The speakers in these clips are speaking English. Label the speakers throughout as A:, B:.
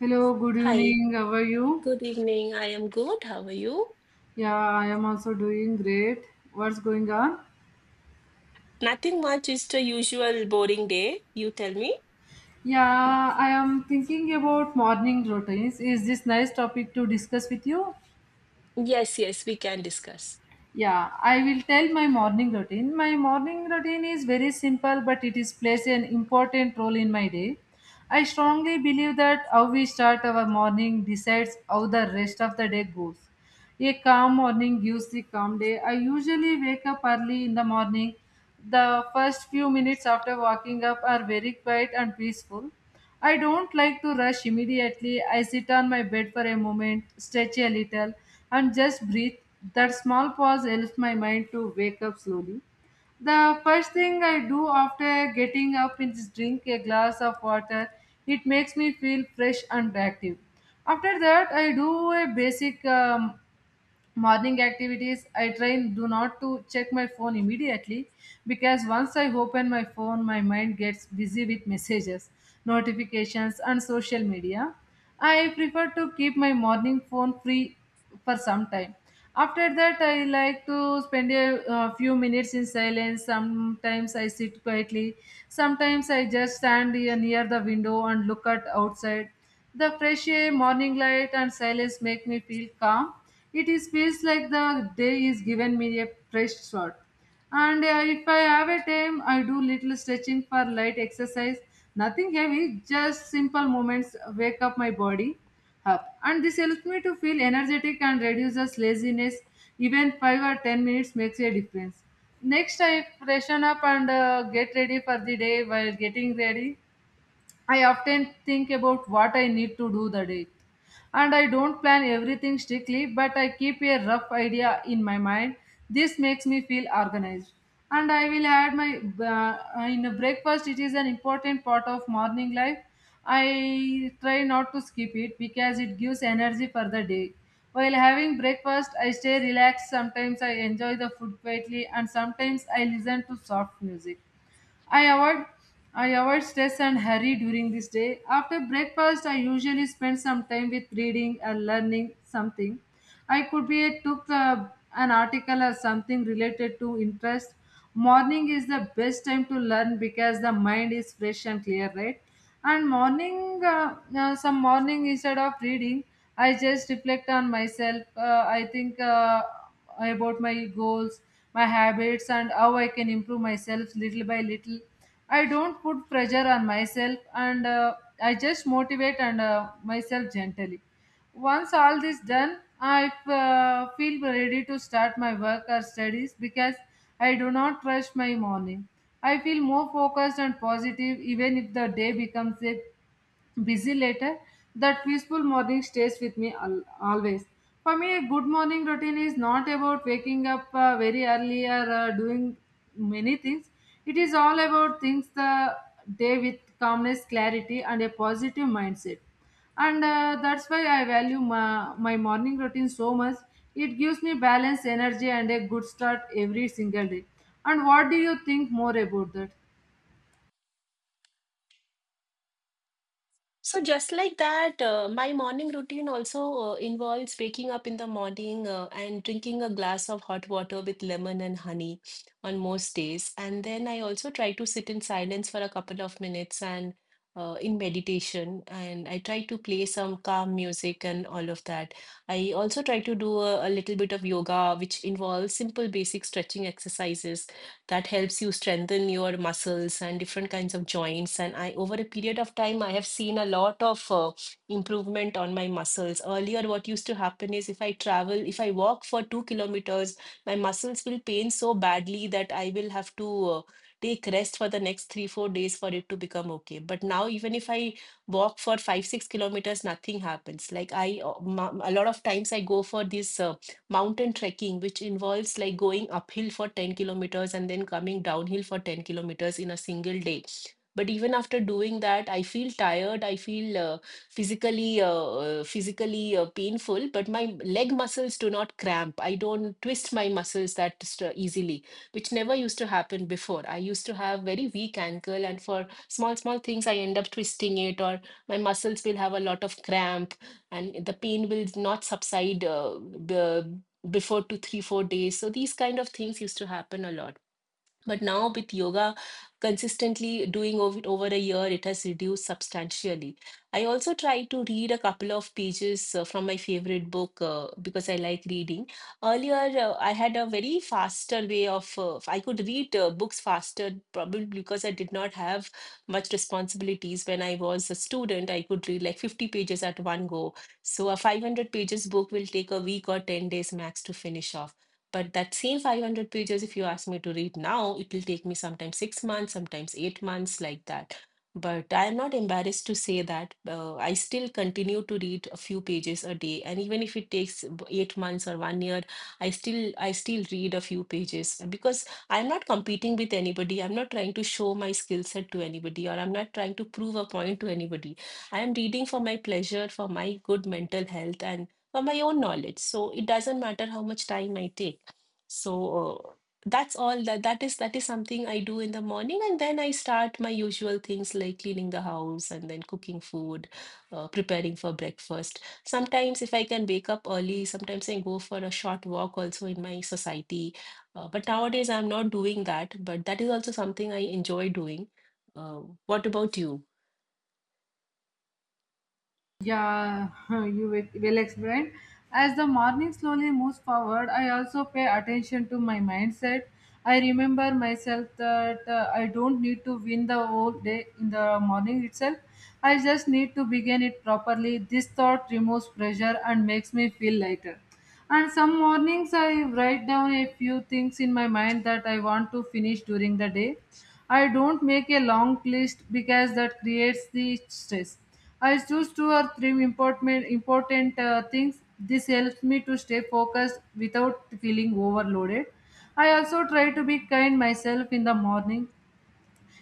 A: Hello, good
B: Hi,
A: evening. How are you?
B: good evening. I am good. How are you?
A: Yeah, I am also doing great. What's going on?
B: Nothing much, just a usual boring day. You tell me?
A: Yeah, I am thinking about morning routines. Is this nice topic to discuss with you?
B: Yes, yes, we can discuss.
A: Yeah, I will tell my morning routine. My morning routine is very simple, but it is plays an important role in my day. I strongly believe that how we start our morning decides how the rest of the day goes. A calm morning gives the calm day. I usually wake up early in the morning. The first few minutes after waking up are very quiet and peaceful. I don't like to rush immediately. I sit on my bed for a moment, stretch a little, and just breathe. That small pause helps my mind to wake up slowly. The first thing I do after getting up is drink a glass of water. It makes me feel fresh and active. After that, I do a basic morning activities. I train do not to check my phone immediately, because once I open my phone, my mind gets busy with messages, notifications and social media. I prefer to keep my morning phone free for some time. After that, I like to spend a few minutes in silence. Sometimes I sit quietly, sometimes I just stand here near the window and look at outside. The fresh air, morning light and silence make me feel calm. It is feels like the day is given me a fresh start. And if I have a time, I do little stretching for light exercise. Nothing heavy, just simple movements wake up my body up. And this helps me to feel energetic and reduces laziness. Even 5 or 10 minutes makes a difference. Next, I freshen up and get ready for the day. While getting ready, I often think about what I need to do the day. And I don't plan everything strictly, but I keep a rough idea in my mind. This makes me feel organized. And I will add my in a breakfast. It is an important part of morning life. I try not to skip it because it gives energy for the day. While having breakfast, I stay relaxed. Sometimes I enjoy the food quietly, and sometimes I listen to soft music. I avoid I avoid stress and hurry during this day. After breakfast, I usually spend some time with reading or learning something. I could be a, took an article or something related to interest. Morning is the best time to learn because the mind is fresh and clear, right? And morning, some morning instead of reading, I just reflect on myself. I think. About my goals, my habits, and how I can improve myself little by little. I don't put pressure on myself, and I just motivate and myself gently. Once all this done, I feel ready to start my work or studies because I do not rush my morning. I feel more focused and positive even if the day becomes a busy later, that peaceful morning stays with me always. For me, a good morning routine is not about waking up very early or doing many things. It is all about things the day with calmness, clarity, and a positive mindset. And that's why I value my morning routine so much. It gives me balance energy and a good start every single day. And what do you think more about that?
B: So just like that, my morning routine also involves waking up in the morning and drinking a glass of hot water with lemon and honey on most days. And then I also try to sit in silence for a couple of minutes and in meditation. And I try to play some calm music and all of that. I also try to do a little bit of yoga, which involves simple basic stretching exercises that helps you strengthen your muscles and different kinds of joints. And over a period of time, I have seen a lot of improvement on my muscles. Earlier, what used to happen is if I travel, if I walk for 2 kilometers, my muscles will pain so badly that I will have to take rest for the next three, 4 days for it to become okay. But now, even if I walk for five, 6 kilometers, nothing happens. A lot of times I go for this. Mountain trekking, which involves like going uphill for 10 kilometers and then coming downhill for 10 kilometers in a single day. But even after doing that, I feel tired. I feel physically uh, physically painful, but my leg muscles do not cramp. I don't twist my muscles easily, which never used to happen before. I used to have very weak ankle, and for small small things, I end up twisting it, or my muscles will have a lot of cramp, and the pain will not subside before two, three, 4 days. So these kind of things used to happen a lot. But now with yoga consistently doing over a year, it has reduced substantially. I also try to read a couple of pages from my favorite book because I like reading. Earlier, I had a very faster way of I could read books faster, probably because I did not have much responsibilities when I was a student. I could read like 50 pages at one go. So a 500 pages book will take a week or 10 days max to finish off. But that same 500 pages, if you ask me to read now, it will take me sometimes 6 months, sometimes 8 months, like that. But I am not embarrassed to say that I still continue to read a few pages a day, and even if it takes 8 months or one year, I still read a few pages because I'm not competing with anybody. I'm not trying to show my skill set to anybody, or I'm not trying to prove a point to anybody. I am reading for my pleasure, for my good mental health, and for my own knowledge. So it doesn't matter how much time I take. So that's all that that is something I do in the morning, and then I start my usual things like cleaning the house and then cooking food, preparing for breakfast. Sometimes if I can wake up early, sometimes I go for a short walk also in my society. But nowadays I'm not doing that, but that is also something I enjoy doing. Uh, what about you?
A: Yeah. You will well explained. As the morning slowly moves forward, I also pay attention to my mindset. I remember myself that I don't need to win the whole day in the morning itself. I just need to begin it properly. This thought removes pressure and makes me feel lighter. And some mornings I write down a few things in my mind that I want to finish during the day. I don't make a long list because that creates the stress. I choose two or three important things. This helps me to stay focused without feeling overloaded. I also try to be kind myself in the morning.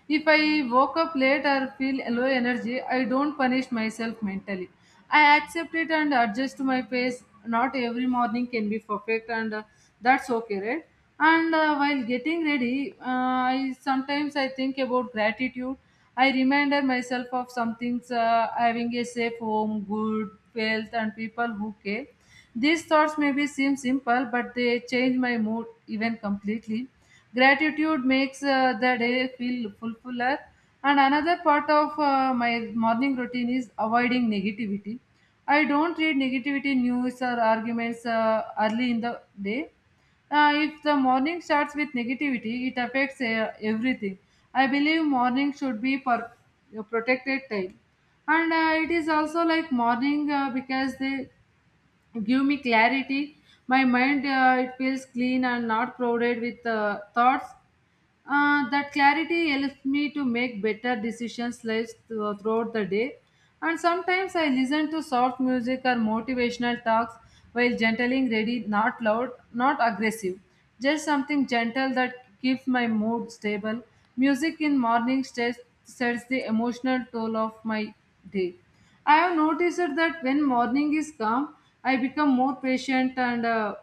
A: If I woke up late or feel low energy, I don't punish myself mentally. I accept it and adjust to my pace. Not every morning can be perfect, and that's okay, right? And while getting ready, I sometimes I think about gratitude. I reminded myself of some things: having a safe home, good health, and people who care. These thoughts maybe seem simple, but they change my mood even completely. Gratitude makes the day feel fuller. And another part of my morning routine is avoiding negativity. I don't read negativity news or arguments early in the day. If the morning starts with negativity, it affects everything. I believe morning should be protected time, and it is also like morning because they give me clarity. My mind it feels clean and not crowded with thoughts. That clarity helps me to make better decisions lives throughout the day. And sometimes I listen to soft music or motivational talks while gentling ready, not loud, not aggressive. Just something gentle that keeps my mood stable. Music in morning sets, Sets the emotional toll of my day. I have noticed that when morning is calm, I become more patient and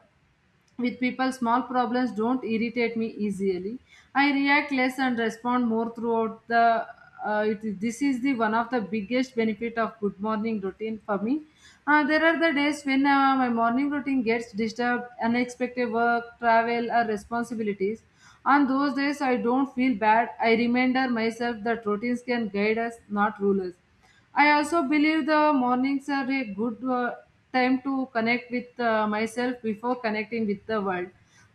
A: with people, small problems don't irritate me easily. I react less and respond more throughout the. This is the one of the biggest benefit of good morning routine for me. There are the days when my morning routine gets disturbed, unexpected work, travel, or responsibilities. On those days, I don't feel bad. I remind myself that routines can guide us, not rule us. I also believe the mornings are a good time to connect with myself before connecting with the world.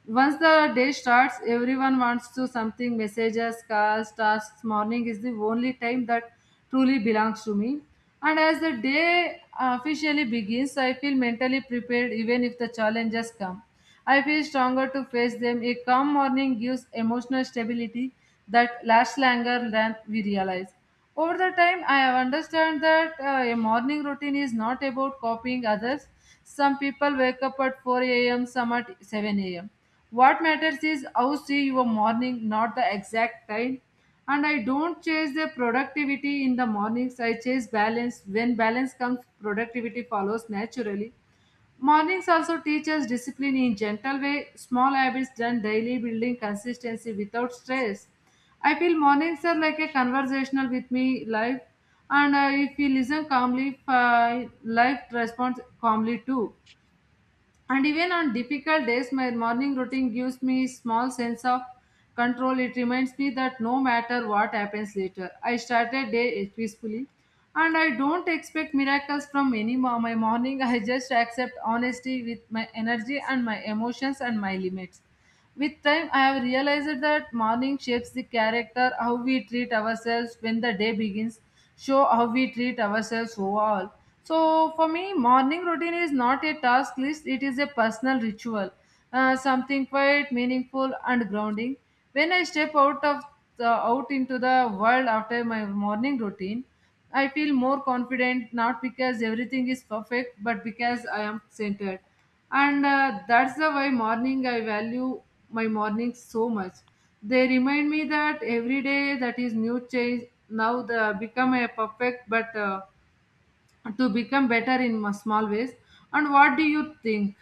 A: Once the day starts, everyone wants to something messages, calls, tasks. Morning is the only time that truly belongs to me. And as the day officially begins, I feel mentally prepared even if the challenges come. I feel stronger to face them. A calm morning gives emotional stability that lasts longer than we realize. Over the time, I have understood that a morning routine is not about copying others. Some people wake up at 4 a.m., some at 7 a.m. What matters is how see your morning, not the exact time. And I don't chase the productivity in the mornings. I chase balance. When balance comes, productivity follows naturally. Mornings also teach us discipline in gentle way, small habits done daily building consistency without stress. I feel mornings are like a conversational with me life, and if we listen calmly, life responds calmly too. And even on difficult days, my morning routine gives me small sense of control. It reminds me that no matter what happens later, I started day peacefully. And I don't expect miracles from any my morning. I just accept honesty with my energy and my emotions and my limits. With time, I have realized that morning shapes the character, how we treat ourselves when the day begins, show how we treat ourselves overall. So, for me, morning routine is not a task list, it is a personal ritual, something quite meaningful and grounding. When I step out of out into the world after my morning routine, I feel more confident not because everything is perfect, but because I am centered. And that's the why morning I value my mornings so much. They remind me that every day that is new change. Now the become a perfect, but to become better in small ways. And what do you think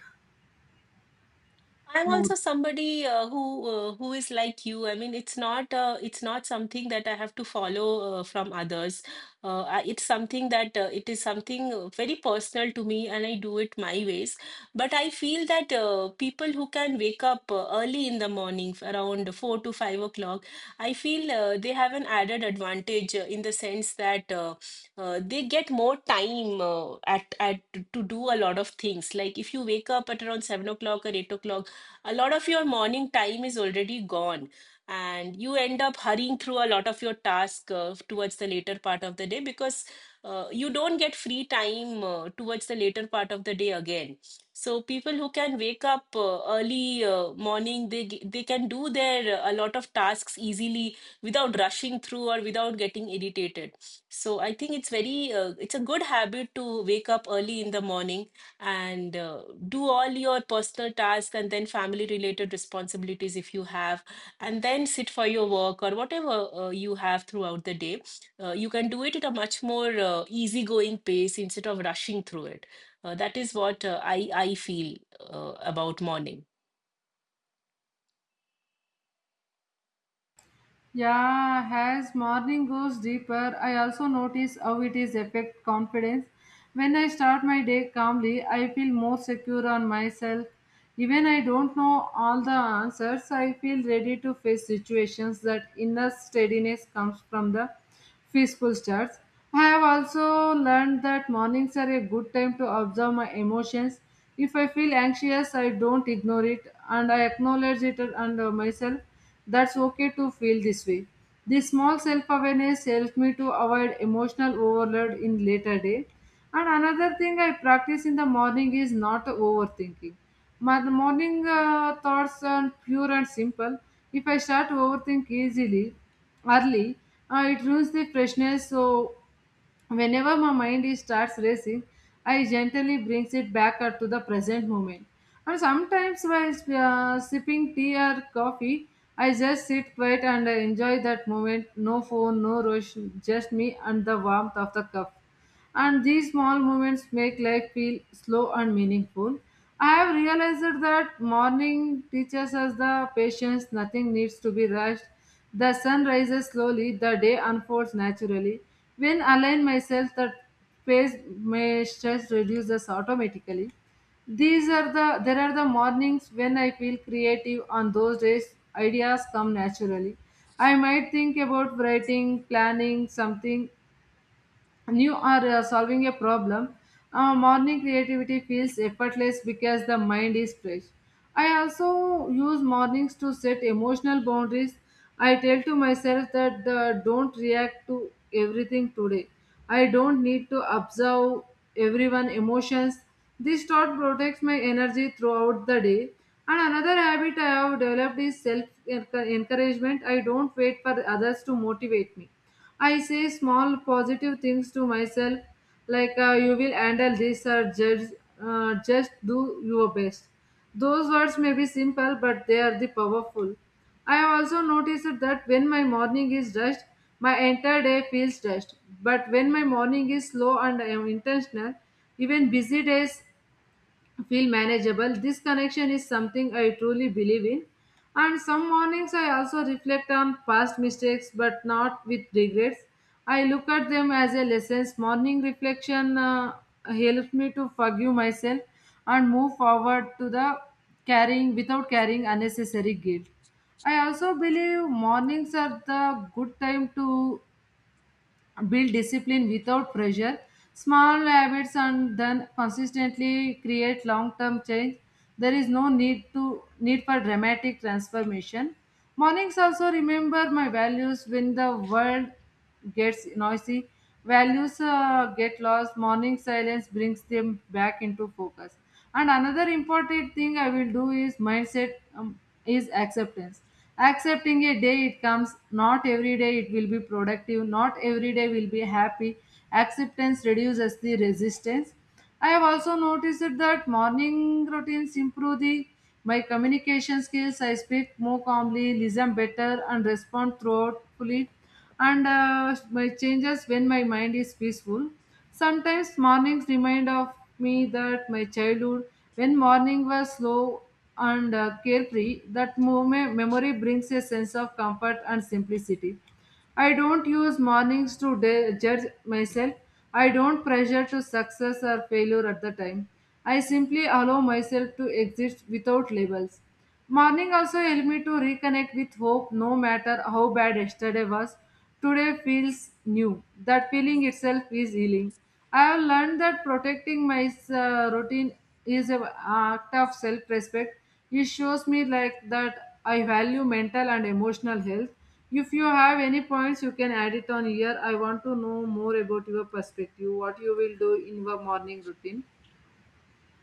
B: I'm
A: more?
B: also somebody uh, who uh, who is like you. I mean, it's not something that I have to follow from others. It's something that it is something very personal to me, and I do it my ways. But I feel that people who can wake up early in the morning, around 4 to 5 o'clock, I feel they have an added advantage in the sense that they get more time at to do a lot of things. Like if you wake up at around 7 o'clock or 8 o'clock, a lot of your morning time is already gone, and you end up hurrying through a lot of your tasks towards the later part of the day because you don't get free time towards the later part of the day again. So people who can wake up early morning, they can do their a lot of tasks easily without rushing through or without getting irritated. So I think it's very it's a good habit to wake up early in the morning and do all your personal tasks and then family related responsibilities if you have, and then sit for your work or whatever you have throughout the day. You can do it at a much more easygoing pace instead of rushing through it. That is what I feel about morning.
A: Yeah, as morning goes deeper, I also notice how it is affect confidence. When I start my day calmly, I feel more secure on myself. Even I don't know all the answers, I feel ready to face situations that inner steadiness comes from the peaceful starts. I have also learned that mornings are a good time to observe my emotions. If I feel anxious, I don't ignore it and I acknowledge it and myself. That's okay to feel this way. This small self awareness helps me to avoid emotional overload in later day. And another thing I practice in the morning is not overthinking. My the morning thoughts are pure and simple. If I start to overthink easily, early, it ruins the freshness. So whenever my mind is starts racing, I gently brings it back to the present moment. And sometimes while sipping tea or coffee, I just sit quiet and enjoy that moment. No phone, no rush, just me and the warmth of the cup and these small moments make life feel slow and meaningful. I have realized that morning teaches us the patience, nothing needs to be rushed. The sun rises slowly, the day unfolds naturally. When I align myself, the pace may stress reduces automatically. These are the there are the mornings when I feel creative. On those days, ideas come naturally. I might think about writing, planning something, and you are solving a problem. Uh, morning creativity feels effortless because the mind is fresh. I also use mornings to set emotional boundaries. I tell to myself that don't react to everything today. I don't need to observe everyone's emotions. This thought protects my energy throughout the day. And another habit I have developed is self encouragement. I don't wait for others to motivate me. I say small positive things to myself, like you will handle this or just do your best. Those words may be simple, but they are the powerful. I have also noticed that when my morning is rushed, my entire day feels rushed. But when my morning is slow and I am intentional, even busy days feel manageable. This connection is something I truly believe in. And some mornings I also reflect on past mistakes but not with regrets. I look at them as a lessons. Morning reflection helps me to forgive myself and move forward to the carrying without carrying unnecessary guilt. I also believe mornings are the good time to build discipline without pressure. Small habits and then consistently create long-term change. There is no need to need for dramatic transformation. Mornings also remember my values when the world gets noisy. Values get lost. Morning silence brings them back into focus. And another important thing I will do is mindset is acceptance. Accepting a day it comes, not every day it will be productive, not every day will be happy. Acceptance reduces the resistance. I have also noticed that morning routines improve the my communication skills. I speak more calmly, listen better, and respond thoughtfully. And my changes when my mind is peaceful. Sometimes mornings remind of me that my childhood, when morning was slow and carefree, that moment memory brings a sense of comfort and simplicity. I don't use mornings to judge myself. I don't pressure to success or failure at the time. I simply allow myself to exist without labels. Morning also helped me to reconnect with hope no matter how bad yesterday was. Today feels new. That feeling itself is healing. I have learned that protecting my routine is an act of self respect. It shows me like that I value mental and emotional health. If you have any points, you can add it on here. I want to know more about your perspective, what you will do in your morning routine.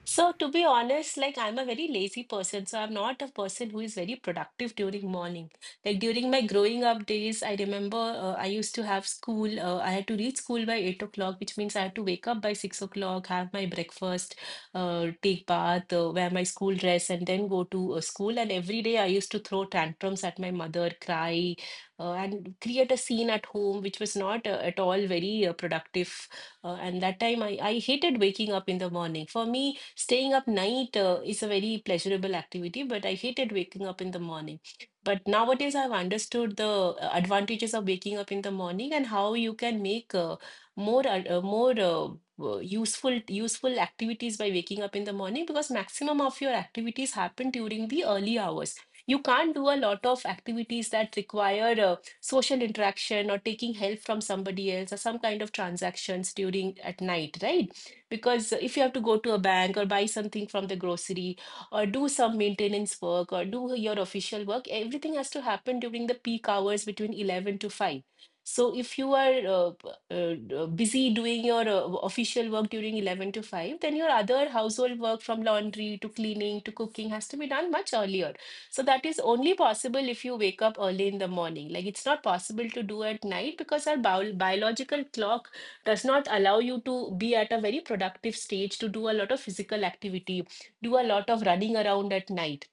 B: So, to be honest, like I'm a very lazy person, so I'm not a person who is very productive during morning. Like during my growing up days, I remember I used to have school. I had to reach school by 8 o'clock, which means I had to wake up by 6 o'clock, have my breakfast, take bath, wear my school dress, and then go to school. And every day I used to throw tantrums at my mother, cry, and create a scene at home, which was not at all very productive. And that time I hated waking up in the morning. For me, staying up night is a very pleasurable activity, but I hated waking up in the morning. But nowadays, I've understood the advantages of waking up in the morning and how you can make more ad- more useful useful activities by waking up in the morning because maximum of your activities happen during the early hours. You can't do a lot of activities that require social interaction or taking help from somebody else or some kind of transactions during at night, right? Because if you have to go to a bank or buy something from the grocery or do some maintenance work or do your official work, everything has to happen during the peak hours between 11 to 5. So if you are busy doing your official work during 11 to 5, then your other household work from laundry to cleaning to cooking has to be done much earlier. So that is only possible if you wake up early in the morning. Like it's not possible to do at night because our biological clock does not allow you to be at a very productive stage to do a lot of physical activity, do a lot of running around at night,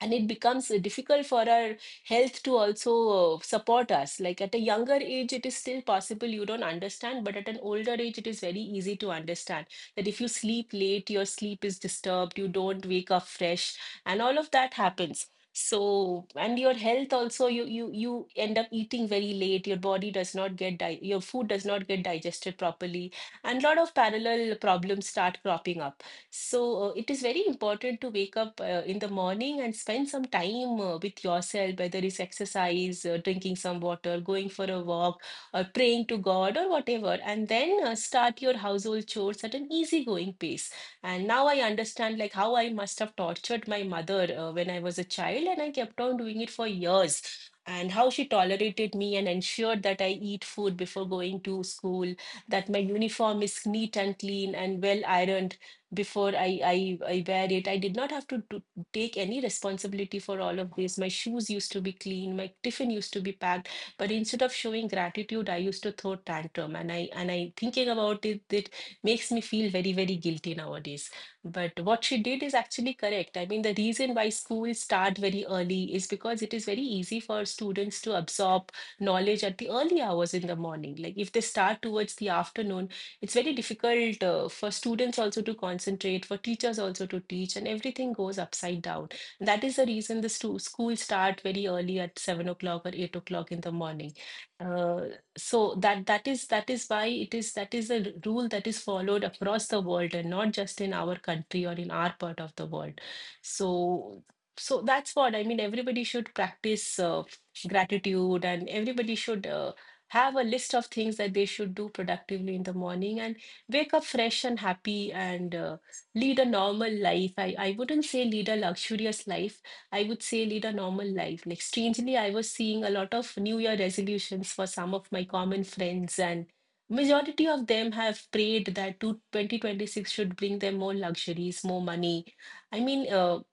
B: and it becomes difficult for our health to also support us. Like at a younger age it is still possible, you don't understand, but at an older age it is very easy to understand that if you sleep late your sleep is disturbed, you don't wake up fresh, and all of that happens. So and your health also, you end up eating very late, your body does not get di- your food does not get digested properly, and a lot of parallel problems start cropping up. So, it is very important to wake up in the morning and spend some time with yourself, whether it's exercise, drinking some water, going for a walk, or praying to God, or whatever. And then start your household chores at an easygoing pace. And now I understand like how I must have tortured my mother when I was a child, and I kept on doing it for years. And how she tolerated me and ensured that I eat food before going to school, that my uniform is neat and clean and well ironed before I wear it. I did not have to do, take any responsibility for all of this. My shoes used to be clean, my tiffin used to be packed, but instead of showing gratitude, I used to throw tantrum. And I thinking about it, it makes me feel very very guilty nowadays. But what she did is actually correct. I mean, the reason why schools start very early is because it is very easy for students to absorb knowledge at the early hours in the morning. Like if they start towards the afternoon, it's very difficult for students also to concentrate, for teachers also to teach, and everything goes upside down. And that is the reason schools start very early at 7 o'clock or 8 o'clock in the morning. Uh, so that is that is why it is that is a rule that is followed across the world and not just in our country or in our part of the world. So so that's what I mean. Everybody should practice gratitude, and everybody should. Have a list of things that they should do productively in the morning and wake up fresh and happy and lead a normal life. I wouldn't say lead a luxurious life. I would say lead a normal life. Like strangely, I was seeing a lot of New Year resolutions for some of my common friends, and majority of them have prayed that two 2026 should bring them more luxuries, more money. I mean, uh,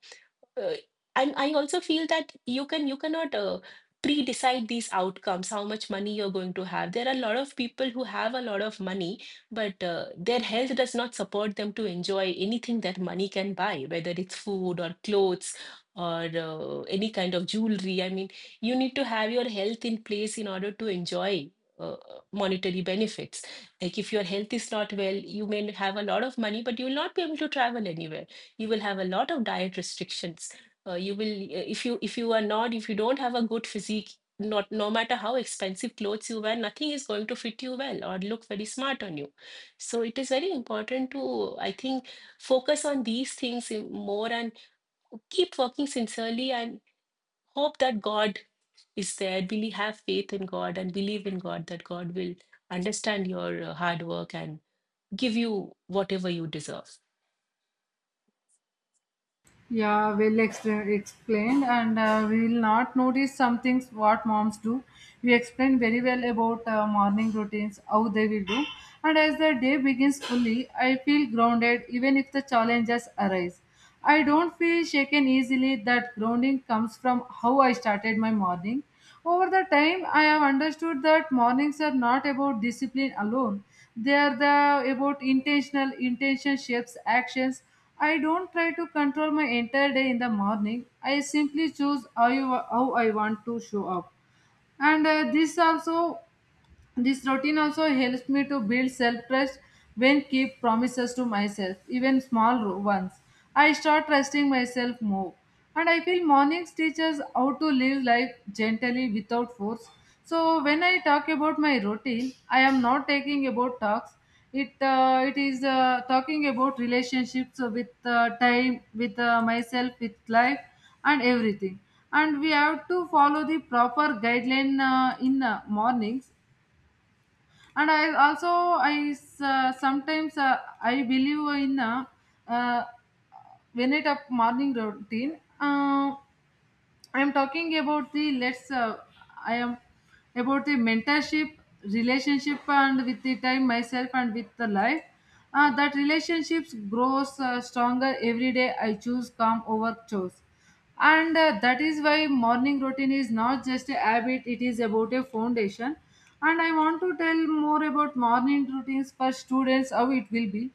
B: uh, and I also feel that you cannot pre-decide these outcomes, how much money you're going to have. There are a lot of people who have a lot of money, but their health does not support them to enjoy anything that money can buy, whether it's food or clothes or any kind of jewelry. I mean, you need to have your health in place in order to enjoy. Uh, monetary benefits. Like if your health is not well, you may have a lot of money, but you will not be able to travel anywhere. You will have a lot of diet restrictions. Uh, you will uh, if you are not, if you don't have a good physique, not no matter how expensive clothes you wear, nothing is going to fit you well or look very smart on you. So it is very important to, I think, focus on these things more and keep working sincerely and hope that God is there. Really have faith in God and believe in God that God will understand your hard work and give you whatever you deserve.
A: Yeah, explained, and we will not notice some things what moms do. We explained very well about morning routines, how they will do, and as the day begins fully, I feel grounded even if the challenges arise. I don't feel shaken easily. That grounding comes from how I started my morning. Over the time, I have understood that mornings are not about discipline alone. They are the about intentional intention shapes actions. I don't try to control my entire day in the morning. I simply choose how, you, how I want to show up. And this also this routine also helps me to build self trust when keep promises to myself, even small ones. I start trusting myself more. And I feel mornings teach us how to live life gently without force. So when I talk about my routine, I am not taking about talks. It is talking about relationships with time, with myself, with life, and everything. And we have to follow the proper guideline in mornings, and I also sometimes I believe in uh, when it up morning routine I am talking about the let's I am about the mentorship relationship and with the time myself and with the life, that relationships grows stronger every day I choose calm over chores, and that is why morning routine is not just a habit, it is about a foundation. And I want to tell more about morning routines for students, how it will be.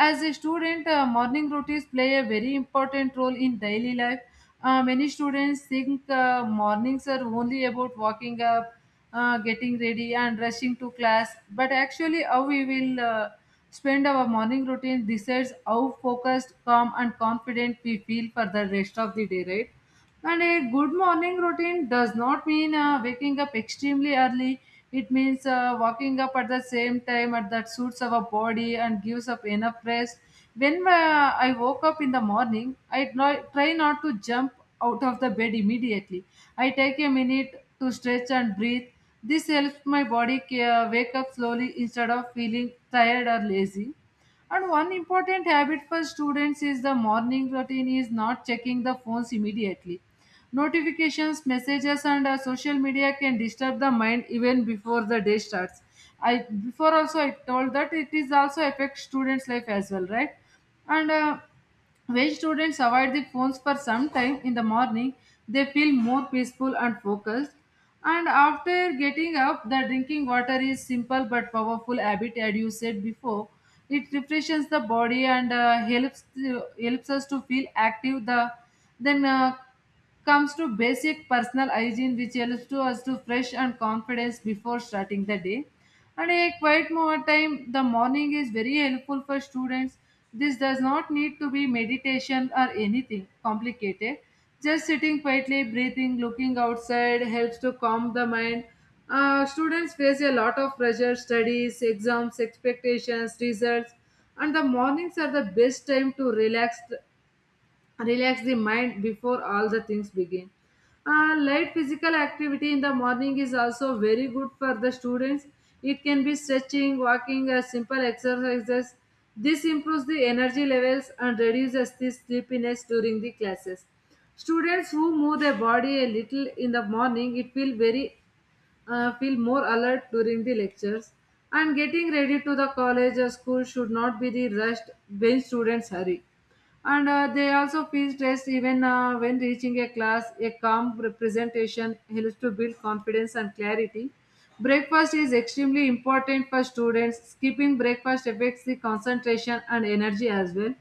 A: As a student, morning routines play a very important role in daily life. Many students think mornings are only about waking up, getting ready, and rushing to class. But actually, how we will spend our morning routine decides how focused, calm, and confident we feel for the rest of the day, right? And a good morning routine does not mean waking up extremely early. It means waking up at the same time at that suits our body and gives up enough rest. When I woke up in the morning, I try not to jump out of the bed immediately. I take a minute to stretch and breathe. This helps my body wake up slowly instead of feeling tired or lazy. And one important habit for students is the morning routine is not checking the phones immediately. Notifications, messages, and social media can disturb the mind even before the day starts. I before also I told that it is also affects students' life as well, right? And When students avoid the phones for some time in the morning, they feel more peaceful and focused. And after getting up, the drinking water is simple but powerful habit, as you said before. It refreshes the body and helps helps us to feel active. Then comes to basic personal hygiene, which helps to us to fresh and confidence before starting the day. And a quiet more time the morning is very helpful for students. This does not need to be meditation or anything complicated, just sitting quietly breathing looking outside helps to calm the mind. Students face a lot of pressure, studies, exams, expectations, results, and the mornings are the best time to relax the mind before all the things begin. Light physical activity in the morning is also very good for the students. It can be stretching, walking, or simple exercises. This improves the energy levels and reduces the sleepiness during the classes. Students who move their body a little in the morning, it feels very feel more alert during the lectures. And getting ready to the college or school should not be the rushed. When students hurry, and they also feel stressed even when reaching a class, a calm representation helps to build confidence and clarity. Breakfast is extremely important for students. Skipping breakfast affects the concentration and energy as well.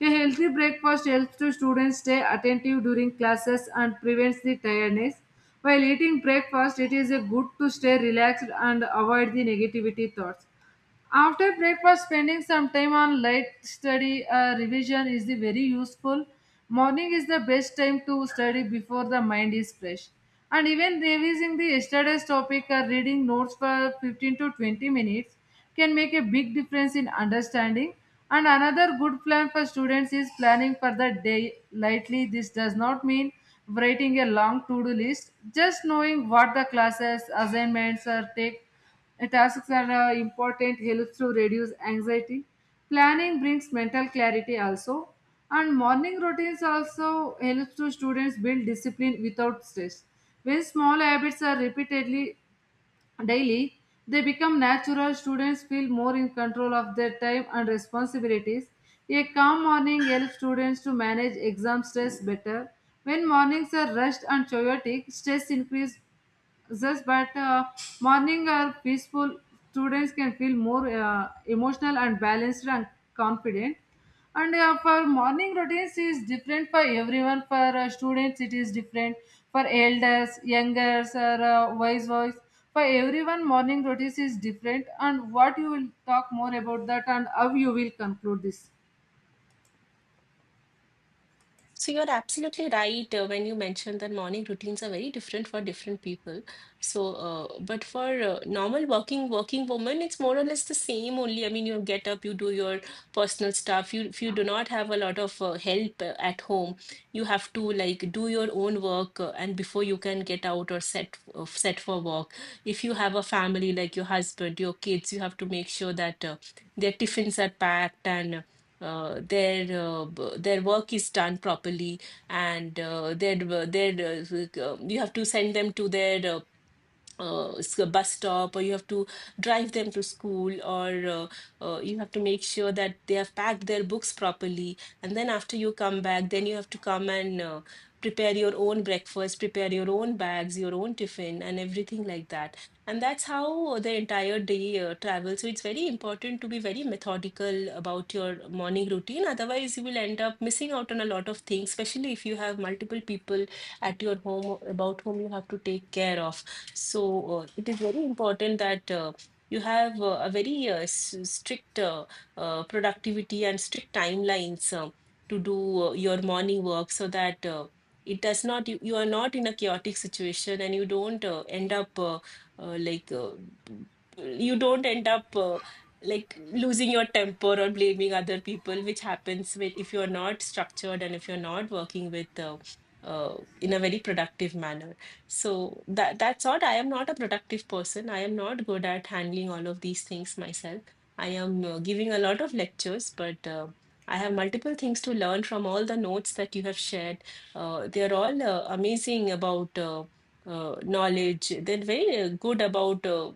A: A healthy breakfast helps to students stay attentive during classes and prevents the tiredness. While eating breakfast, it is a good to stay relaxed and avoid the negativity thoughts. After breakfast, spending some time on light study or revision is the very useful. Morning is the best time to study before the mind is fresh. And even revising the yesterday's topic or reading notes for 15 to 20 minutes can make a big difference in understanding. And another good plan for students is planning for the day lightly. This does not mean writing a long to do list, just knowing what the classes, assignments, or take tasks are important, helps to reduce anxiety. Planning brings mental clarity also. And morning routines also helps to students build discipline without stress. When small habits are repeatedly daily, they become natural. Students feel more in control of their time and responsibilities. A calm morning helps students to manage exam stress better. When mornings are rushed and chaotic, stress increases just but morning are peaceful. Students can feel more emotional and balanced and confident. And for morning routines is different for everyone. For students, it is different. For elders, youngers, or wise boys, for everyone, morning routines is different. And what you will talk more about that, and how you will conclude this.
B: So you're absolutely right when you mentioned that morning routines are very different for different people. So, but for normal working woman, it's more or less the same. Only, I mean, you get up, you do your personal stuff. You, if you do not have a lot of help at home, you have to like do your own work, and before you can get out or set for work. If you have a family like your husband, your kids, you have to make sure that their tiffins are packed and their work is done properly and their you have to send them to their a bus stop, or you have to drive them to school, or uh, you have to make sure that they have packed their books properly. And then after you come back, then you have to come and prepare your own breakfast, prepare your own bags, your own tiffin, and everything like that. And that's how the entire day travels. So it's very important to be very methodical about your morning routine, otherwise you will end up missing out on a lot of things, especially if you have multiple people at your home about whom you have to take care of. So it is very important that you have a very strict productivity and strict timelines to do your morning work, so that it does not, you are not in a chaotic situation, and you don't end up uh, like, uh, you don't end up like losing your temper or blaming other people, which happens with, if you're not structured and if you're not working with, in a very productive manner. So that's odd. I am not a productive person. I am not good at handling all of these things myself. I am giving a lot of lectures, but I have multiple things to learn from all the notes that you have shared. They're all amazing about knowledge. They're very good about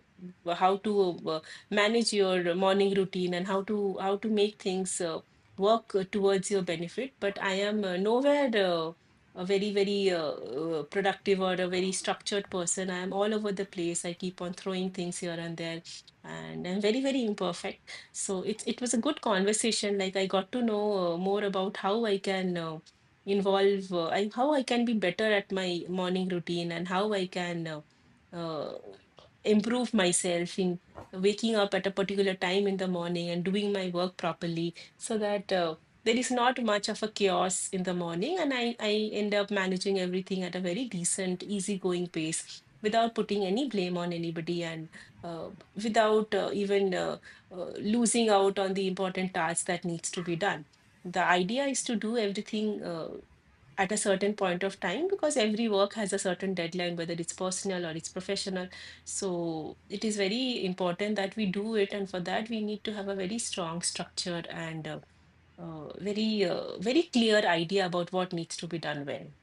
B: how to manage your morning routine, and how to make things work towards your benefit. But I am nowhere. A very, very productive or a very structured person. I'm all over the place. I keep on throwing things here and there, and I'm very, very imperfect. So it was a good conversation. Like I got to know more about how I can how I can be better at my morning routine, and how I can uh, improve myself in waking up at a particular time in the morning and doing my work properly, so that. There is not much of a chaos in the morning, and I end up managing everything at a very decent, easygoing pace without putting any blame on anybody, and without even uh, losing out on the important tasks that needs to be done. The idea is to do everything at a certain point of time, because every work has a certain deadline, whether it's personal or it's professional. So it is very important that we do it, and for that we need to have a very strong structure and very very clear idea about what needs to be done when.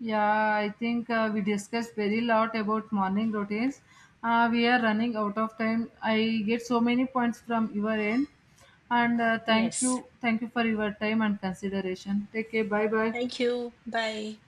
A: Yeah, I think we discussed very lot about morning routines. We are running out of time. I get so many points from your end, and
B: Yes,
A: thank you for your time and consideration. Take care. Bye bye.
B: thank you. Bye.